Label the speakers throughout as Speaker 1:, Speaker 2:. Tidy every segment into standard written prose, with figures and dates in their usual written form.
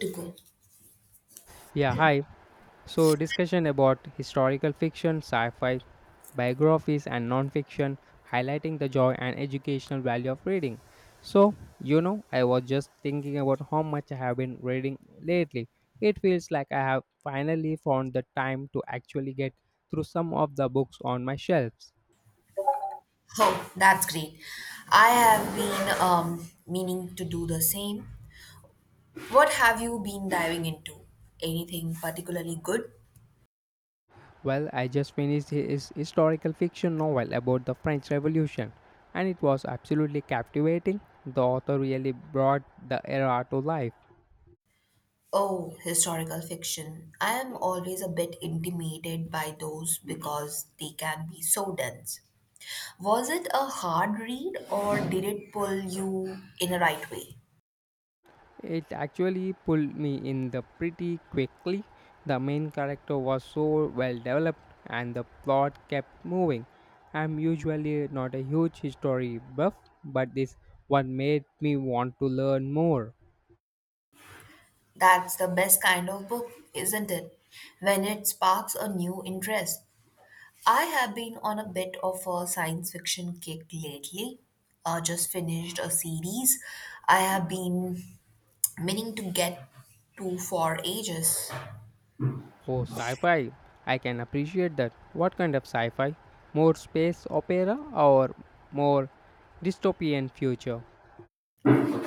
Speaker 1: To go.
Speaker 2: Yeah, hi. So, discussion about historical fiction, sci fi, biographies, and non fiction, highlighting the joy and educational value of reading. So, I was just thinking about how much I have been reading lately. It feels like I have finally found the time to actually get through some of the books on my shelves.
Speaker 1: Oh, that's great. I have been meaning to do the same. What have you been diving into? Anything particularly good?
Speaker 2: Well, I just finished his historical fiction novel about the French Revolution, and it was absolutely captivating. The author really brought the era to life.
Speaker 1: Oh, historical fiction. I am always a bit intimidated by those because they can be so dense. Was it a hard read or did it pull you in a right way?
Speaker 2: It actually pulled me in the pretty quickly. The main character was so well developed, and the plot kept moving. I'm usually not a huge history buff, but this one made me want to learn more.
Speaker 1: That's the best kind of book, isn't it? When it sparks a new interest. I have been on a bit of a science fiction kick lately. Just finished a series I have been meaning to get to for ages.
Speaker 2: Oh, sci fi. I can appreciate that. What kind of sci fi? More space opera or more dystopian future?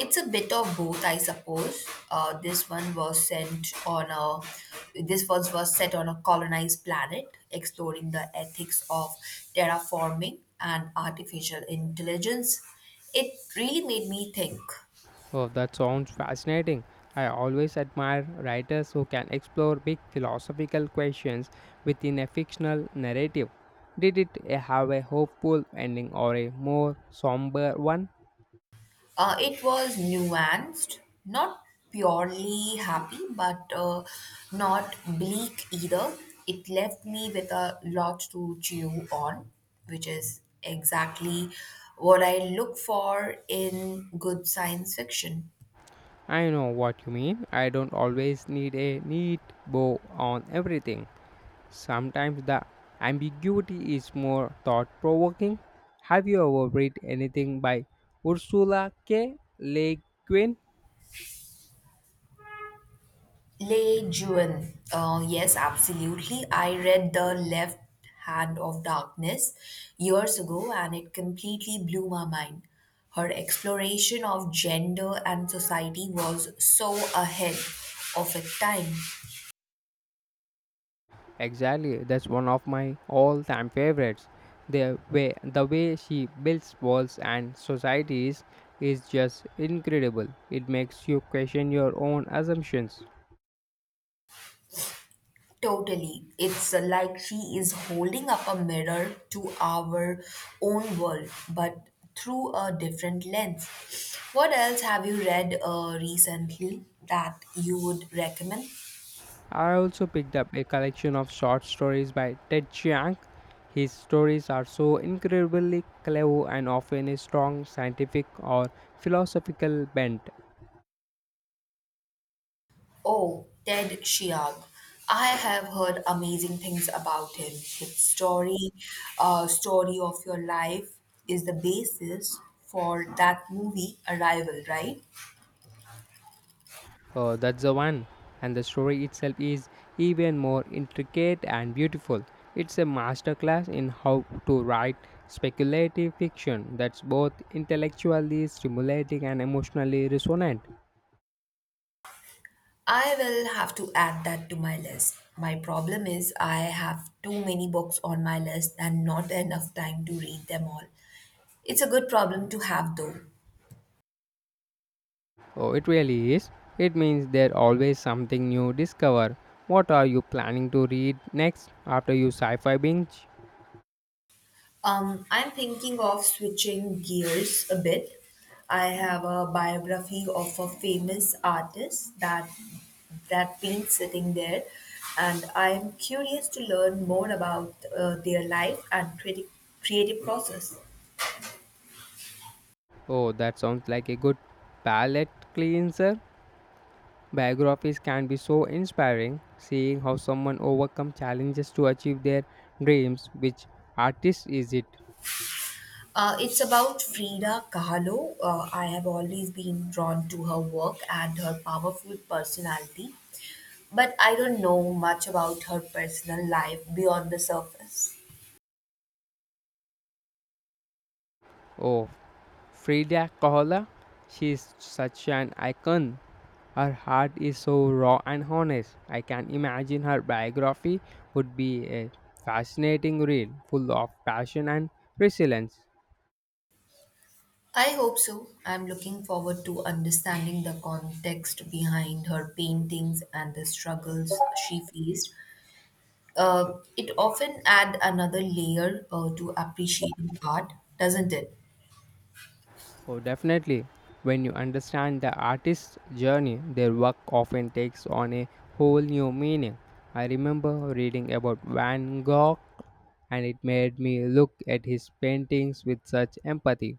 Speaker 1: It's a bit of both, I suppose. Uh, this one was sent on a this was set on a colonized planet, exploring the ethics of terraforming and artificial intelligence. It really made me think.
Speaker 2: Oh, that sounds fascinating. I always admire writers who can explore big philosophical questions within a fictional narrative. Did it have a hopeful ending or a more somber one?
Speaker 1: It was nuanced, not purely happy, but not bleak either. It left me with a lot to chew on, which is exactly what I look for in good science fiction.
Speaker 2: I know what you mean. I don't always need a neat bow on everything. Sometimes the ambiguity is more thought provoking. Have you ever read anything by Ursula K. Le Guin?
Speaker 1: Lei Jun. Yes, absolutely. I read The Left Hand of Darkness years ago and it completely blew my mind. Her exploration of gender and society was so ahead of its time.
Speaker 2: Exactly, that's one of my all time favorites. The way she builds walls and societies is just incredible. It makes you question your own assumptions.
Speaker 1: Totally. It's like she is holding up a mirror to our own world, but through a different lens. What else have you read recently that you would recommend?
Speaker 2: I also picked up a collection of short stories by Ted Chiang. His stories are so incredibly clever and often a strong scientific or philosophical bent.
Speaker 1: Oh, Ted Chiang. I have heard amazing things about him. His story, story of your life is the basis for that movie Arrival, right?
Speaker 2: Oh, that's the one. And the story itself is even more intricate and beautiful. It's a masterclass in how to write speculative fiction that's both intellectually stimulating and emotionally resonant.
Speaker 1: I will have to add that to my list. My problem is I have too many books on my list and not enough time to read them all. It's a good problem to have though.
Speaker 2: Oh, it really is. It means there's always something new discover. What are you planning to read next after you sci-fi binge?
Speaker 1: I'm thinking of switching gears a bit. I have a biography of a famous artist that been sitting there, and I'm curious to learn more about their life and creative process.
Speaker 2: Oh, that sounds like a good palate cleanser. Biographies can be so inspiring, seeing how someone overcome challenges to achieve their dreams. Which artist is it?
Speaker 1: It's about Frida Kahlo. I have always been drawn to her work and her powerful personality, but I don't know much about her personal life beyond the surface.
Speaker 2: Oh, Frida Kahlo, she's such an icon. Her heart is so raw and honest. I can imagine her biography would be a fascinating read, full of passion and resilience.
Speaker 1: I hope so. I'm looking forward to understanding the context behind her paintings and the struggles she faced. It often adds another layer to appreciating art, doesn't it?
Speaker 2: Oh, definitely. When you understand the artist's journey, their work often takes on a whole new meaning. I remember reading about Van Gogh, and it made me look at his paintings with such empathy.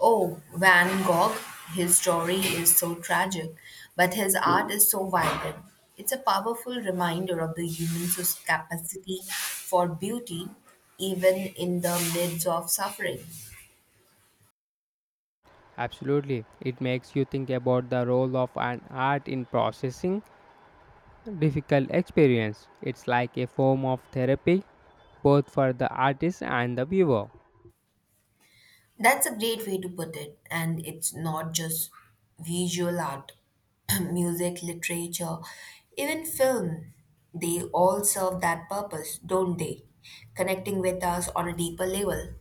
Speaker 1: Oh, Van Gogh, his story is so tragic, but his art is so vibrant. It's a powerful reminder of the human capacity for beauty, even in the midst of suffering.
Speaker 2: Absolutely. It makes you think about the role of an art in processing difficult experience. It's like a form of therapy both for the artist and the viewer.
Speaker 1: That's a great way to put it. And it's not just visual art, music, literature, even film. They all serve that purpose, don't they? Connecting with us on a deeper level.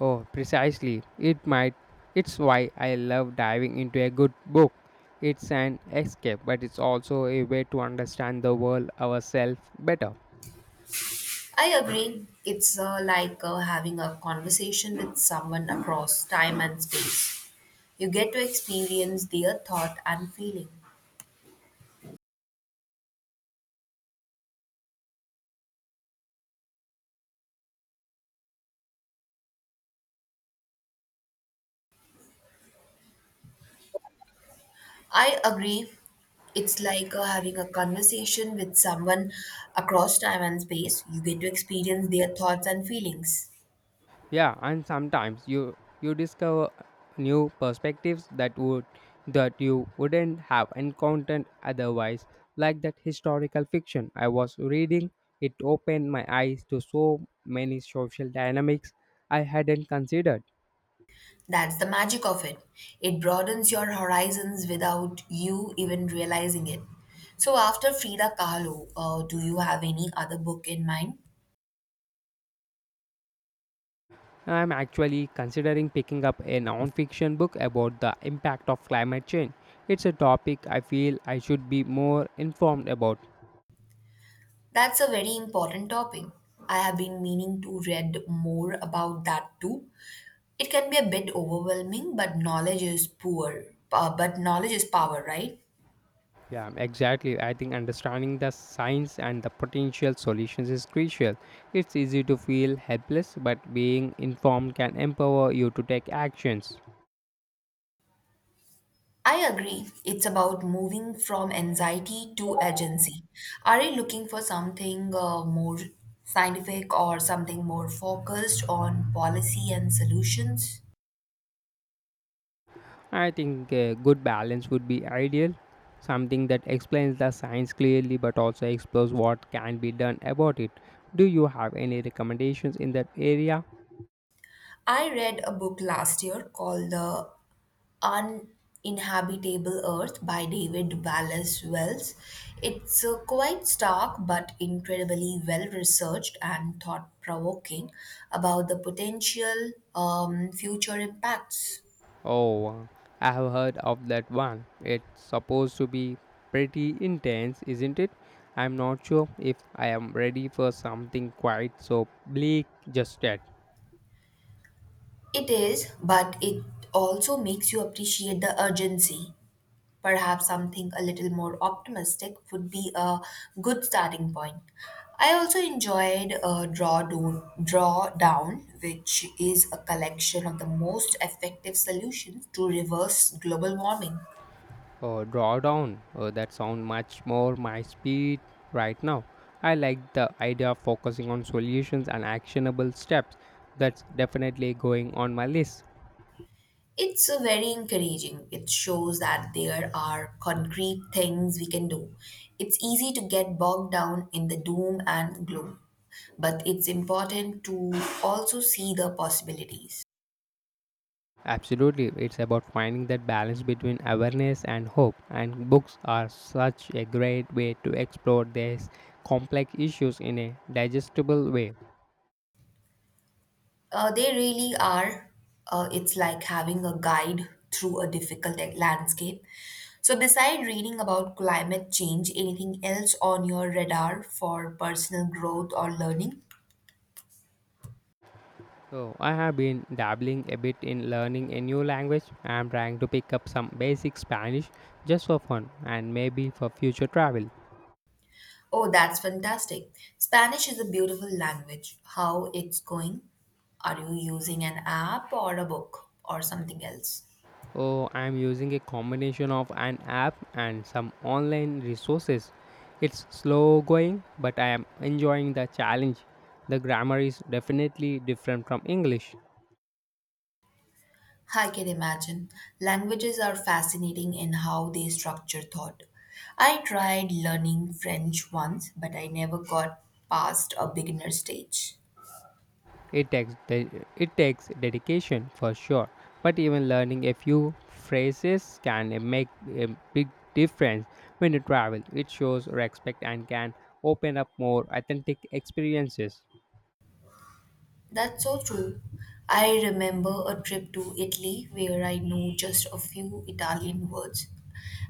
Speaker 2: Oh, precisely. It's why I love diving into a good book. It's an escape, but it's also a way to understand the world ourselves better.
Speaker 1: I agree. It's like having a conversation with someone across time and space. You get to experience their thought and feeling. I agree. It's like having a conversation with someone across time and space. You get to experience their thoughts and feelings.
Speaker 2: Yeah, and sometimes you discover new perspectives that you wouldn't have encountered otherwise, like that historical fiction I was reading. It opened my eyes to so many social dynamics I hadn't considered.
Speaker 1: That's the magic of it. It broadens your horizons without you even realizing it. So, after Frida Kahlo, do you have any other book in mind?
Speaker 2: I'm actually considering picking up a non-fiction book about the impact of climate change. It's a topic I feel I should be more informed about.
Speaker 1: That's a very important topic. I have been meaning to read more about that too. It can be a bit overwhelming, but knowledge is poor. But knowledge is power, right?
Speaker 2: Yeah, exactly. I think understanding the signs and the potential solutions is crucial. It's easy to feel helpless, but being informed can empower you to take actions.
Speaker 1: I agree. It's about moving from anxiety to agency. Are you looking for something more scientific or something more focused on policy and solutions?
Speaker 2: I think a good balance would be ideal, something that explains the signs clearly but also explores what can be done about it. Do you have any recommendations in that area?
Speaker 1: I read a book last year called The Uninhabitable Earth by David Wallace Wells. It's quite stark but incredibly well researched and thought provoking about the potential future impacts.
Speaker 2: Oh, I have heard of that one. It's supposed to be pretty intense, isn't it? I'm not sure if I am ready for something quite so bleak just yet.
Speaker 1: It is, but it also makes you appreciate the urgency. Perhaps something a little more optimistic would be a good starting point. I also enjoyed Draw Down, which is a collection of the most effective solutions to reverse global warming.
Speaker 2: Oh, drawdown. Oh, that sounds much more my speed right now. I like the idea of focusing on solutions and actionable steps. That's definitely going on my list.
Speaker 1: It's very encouraging. It shows that there are concrete things we can do. It's easy to get bogged down in the doom and gloom, but it's important to also see the possibilities.
Speaker 2: Absolutely, it's about finding that balance between awareness and hope, and books are such a great way to explore these complex issues in a digestible way.
Speaker 1: They really are. It's like having a guide through a landscape. So, beside reading about climate change, anything else on your radar for personal growth or learning?
Speaker 2: So, I have been dabbling a bit in learning a new language. I am trying to pick up some basic Spanish just for fun and maybe for future travel.
Speaker 1: Oh, that's fantastic. Spanish is a beautiful language. How it's going? Are you using an app or a book or something else?
Speaker 2: Oh, I'm using a combination of an app and some online resources. It's slow going, but I am enjoying the challenge. The grammar is definitely different from English.
Speaker 1: I can imagine. Languages are fascinating in how they structure thought. I tried learning French once, but I never got past a beginner stage.
Speaker 2: It takes de- it takes dedication for sure, but even learning a few phrases can make a big difference when you travel. It shows respect and can open up more authentic experiences.
Speaker 1: That's so true. I remember a trip to Italy where I knew just a few Italian words,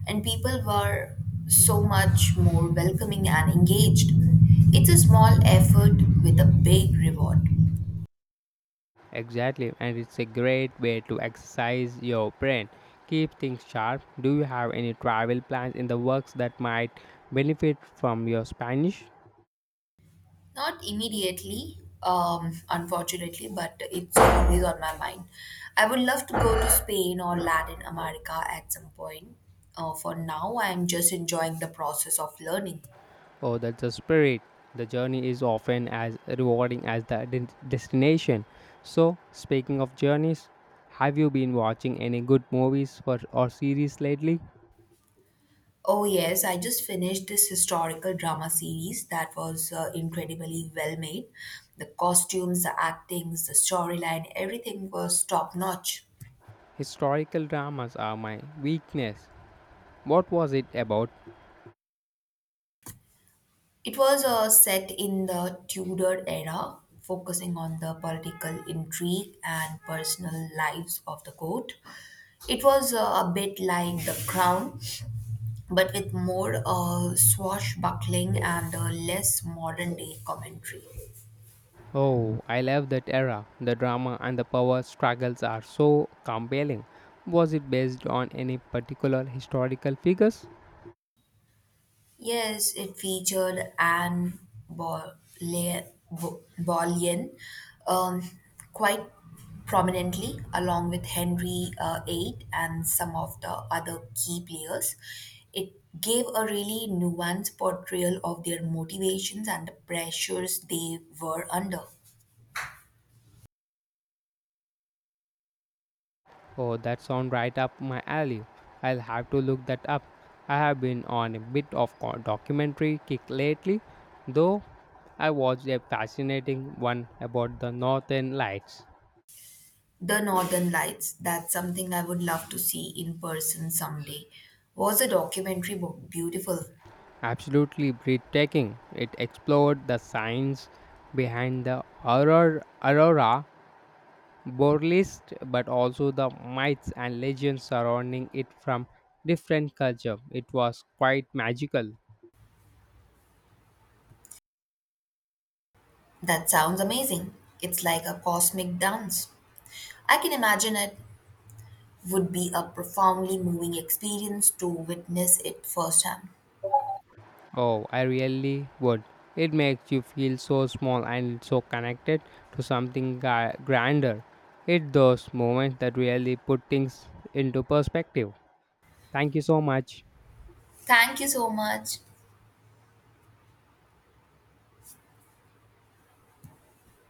Speaker 1: and people were so much more welcoming and engaged. It's a small effort with a big reward.
Speaker 2: Exactly, and it's a great way to exercise your brain. Keep things sharp. Do you have any travel plans in the works that might benefit from your Spanish?
Speaker 1: Not immediately, unfortunately, but it's always on my mind. I would love to go to Spain or Latin America at some point. For now, I'm just enjoying the process of learning.
Speaker 2: Oh, that's the spirit. The journey is often as rewarding as the destination. So, speaking of journeys, have you been watching any good movies or series lately?
Speaker 1: Oh, yes, I just finished this historical drama series that was incredibly well made. The costumes, the actings, the storyline, everything was top notch.
Speaker 2: Historical dramas are my weakness. What was it about?
Speaker 1: It was set in the Tudor era, focusing on the political intrigue and personal lives of the court. It was a bit like The Crown, but with more swashbuckling and less modern day commentary.
Speaker 2: Oh, I love that era. The drama and the power struggles are so compelling. Was it based on any particular historical figures?
Speaker 1: Yes, it featured Anne Boleyn, Boleyn um, quite prominently, along with Henry VIII and some of the other key players. It gave a really nuanced portrayal of their motivations and the pressures they were under.
Speaker 2: Oh, that sounds right up my alley. I'll have to look that up. I have been on a bit of documentary kick lately, though I watched a fascinating one about the Northern Lights.
Speaker 1: The Northern Lights, that's something I would love to see in person someday. Was the documentary beautiful?
Speaker 2: Absolutely breathtaking. It explored the science behind the aurora Burlesque, but also the myths and legends surrounding it from different culture. It was quite magical.
Speaker 1: That sounds amazing. It's like a cosmic dance. I can imagine it would be a profoundly moving experience to witness it firsthand.
Speaker 2: Oh, I really would. It makes you feel so small and so connected to something grander. It's those moments that really put things into perspective. Thank you so much.
Speaker 1: Thank you so much.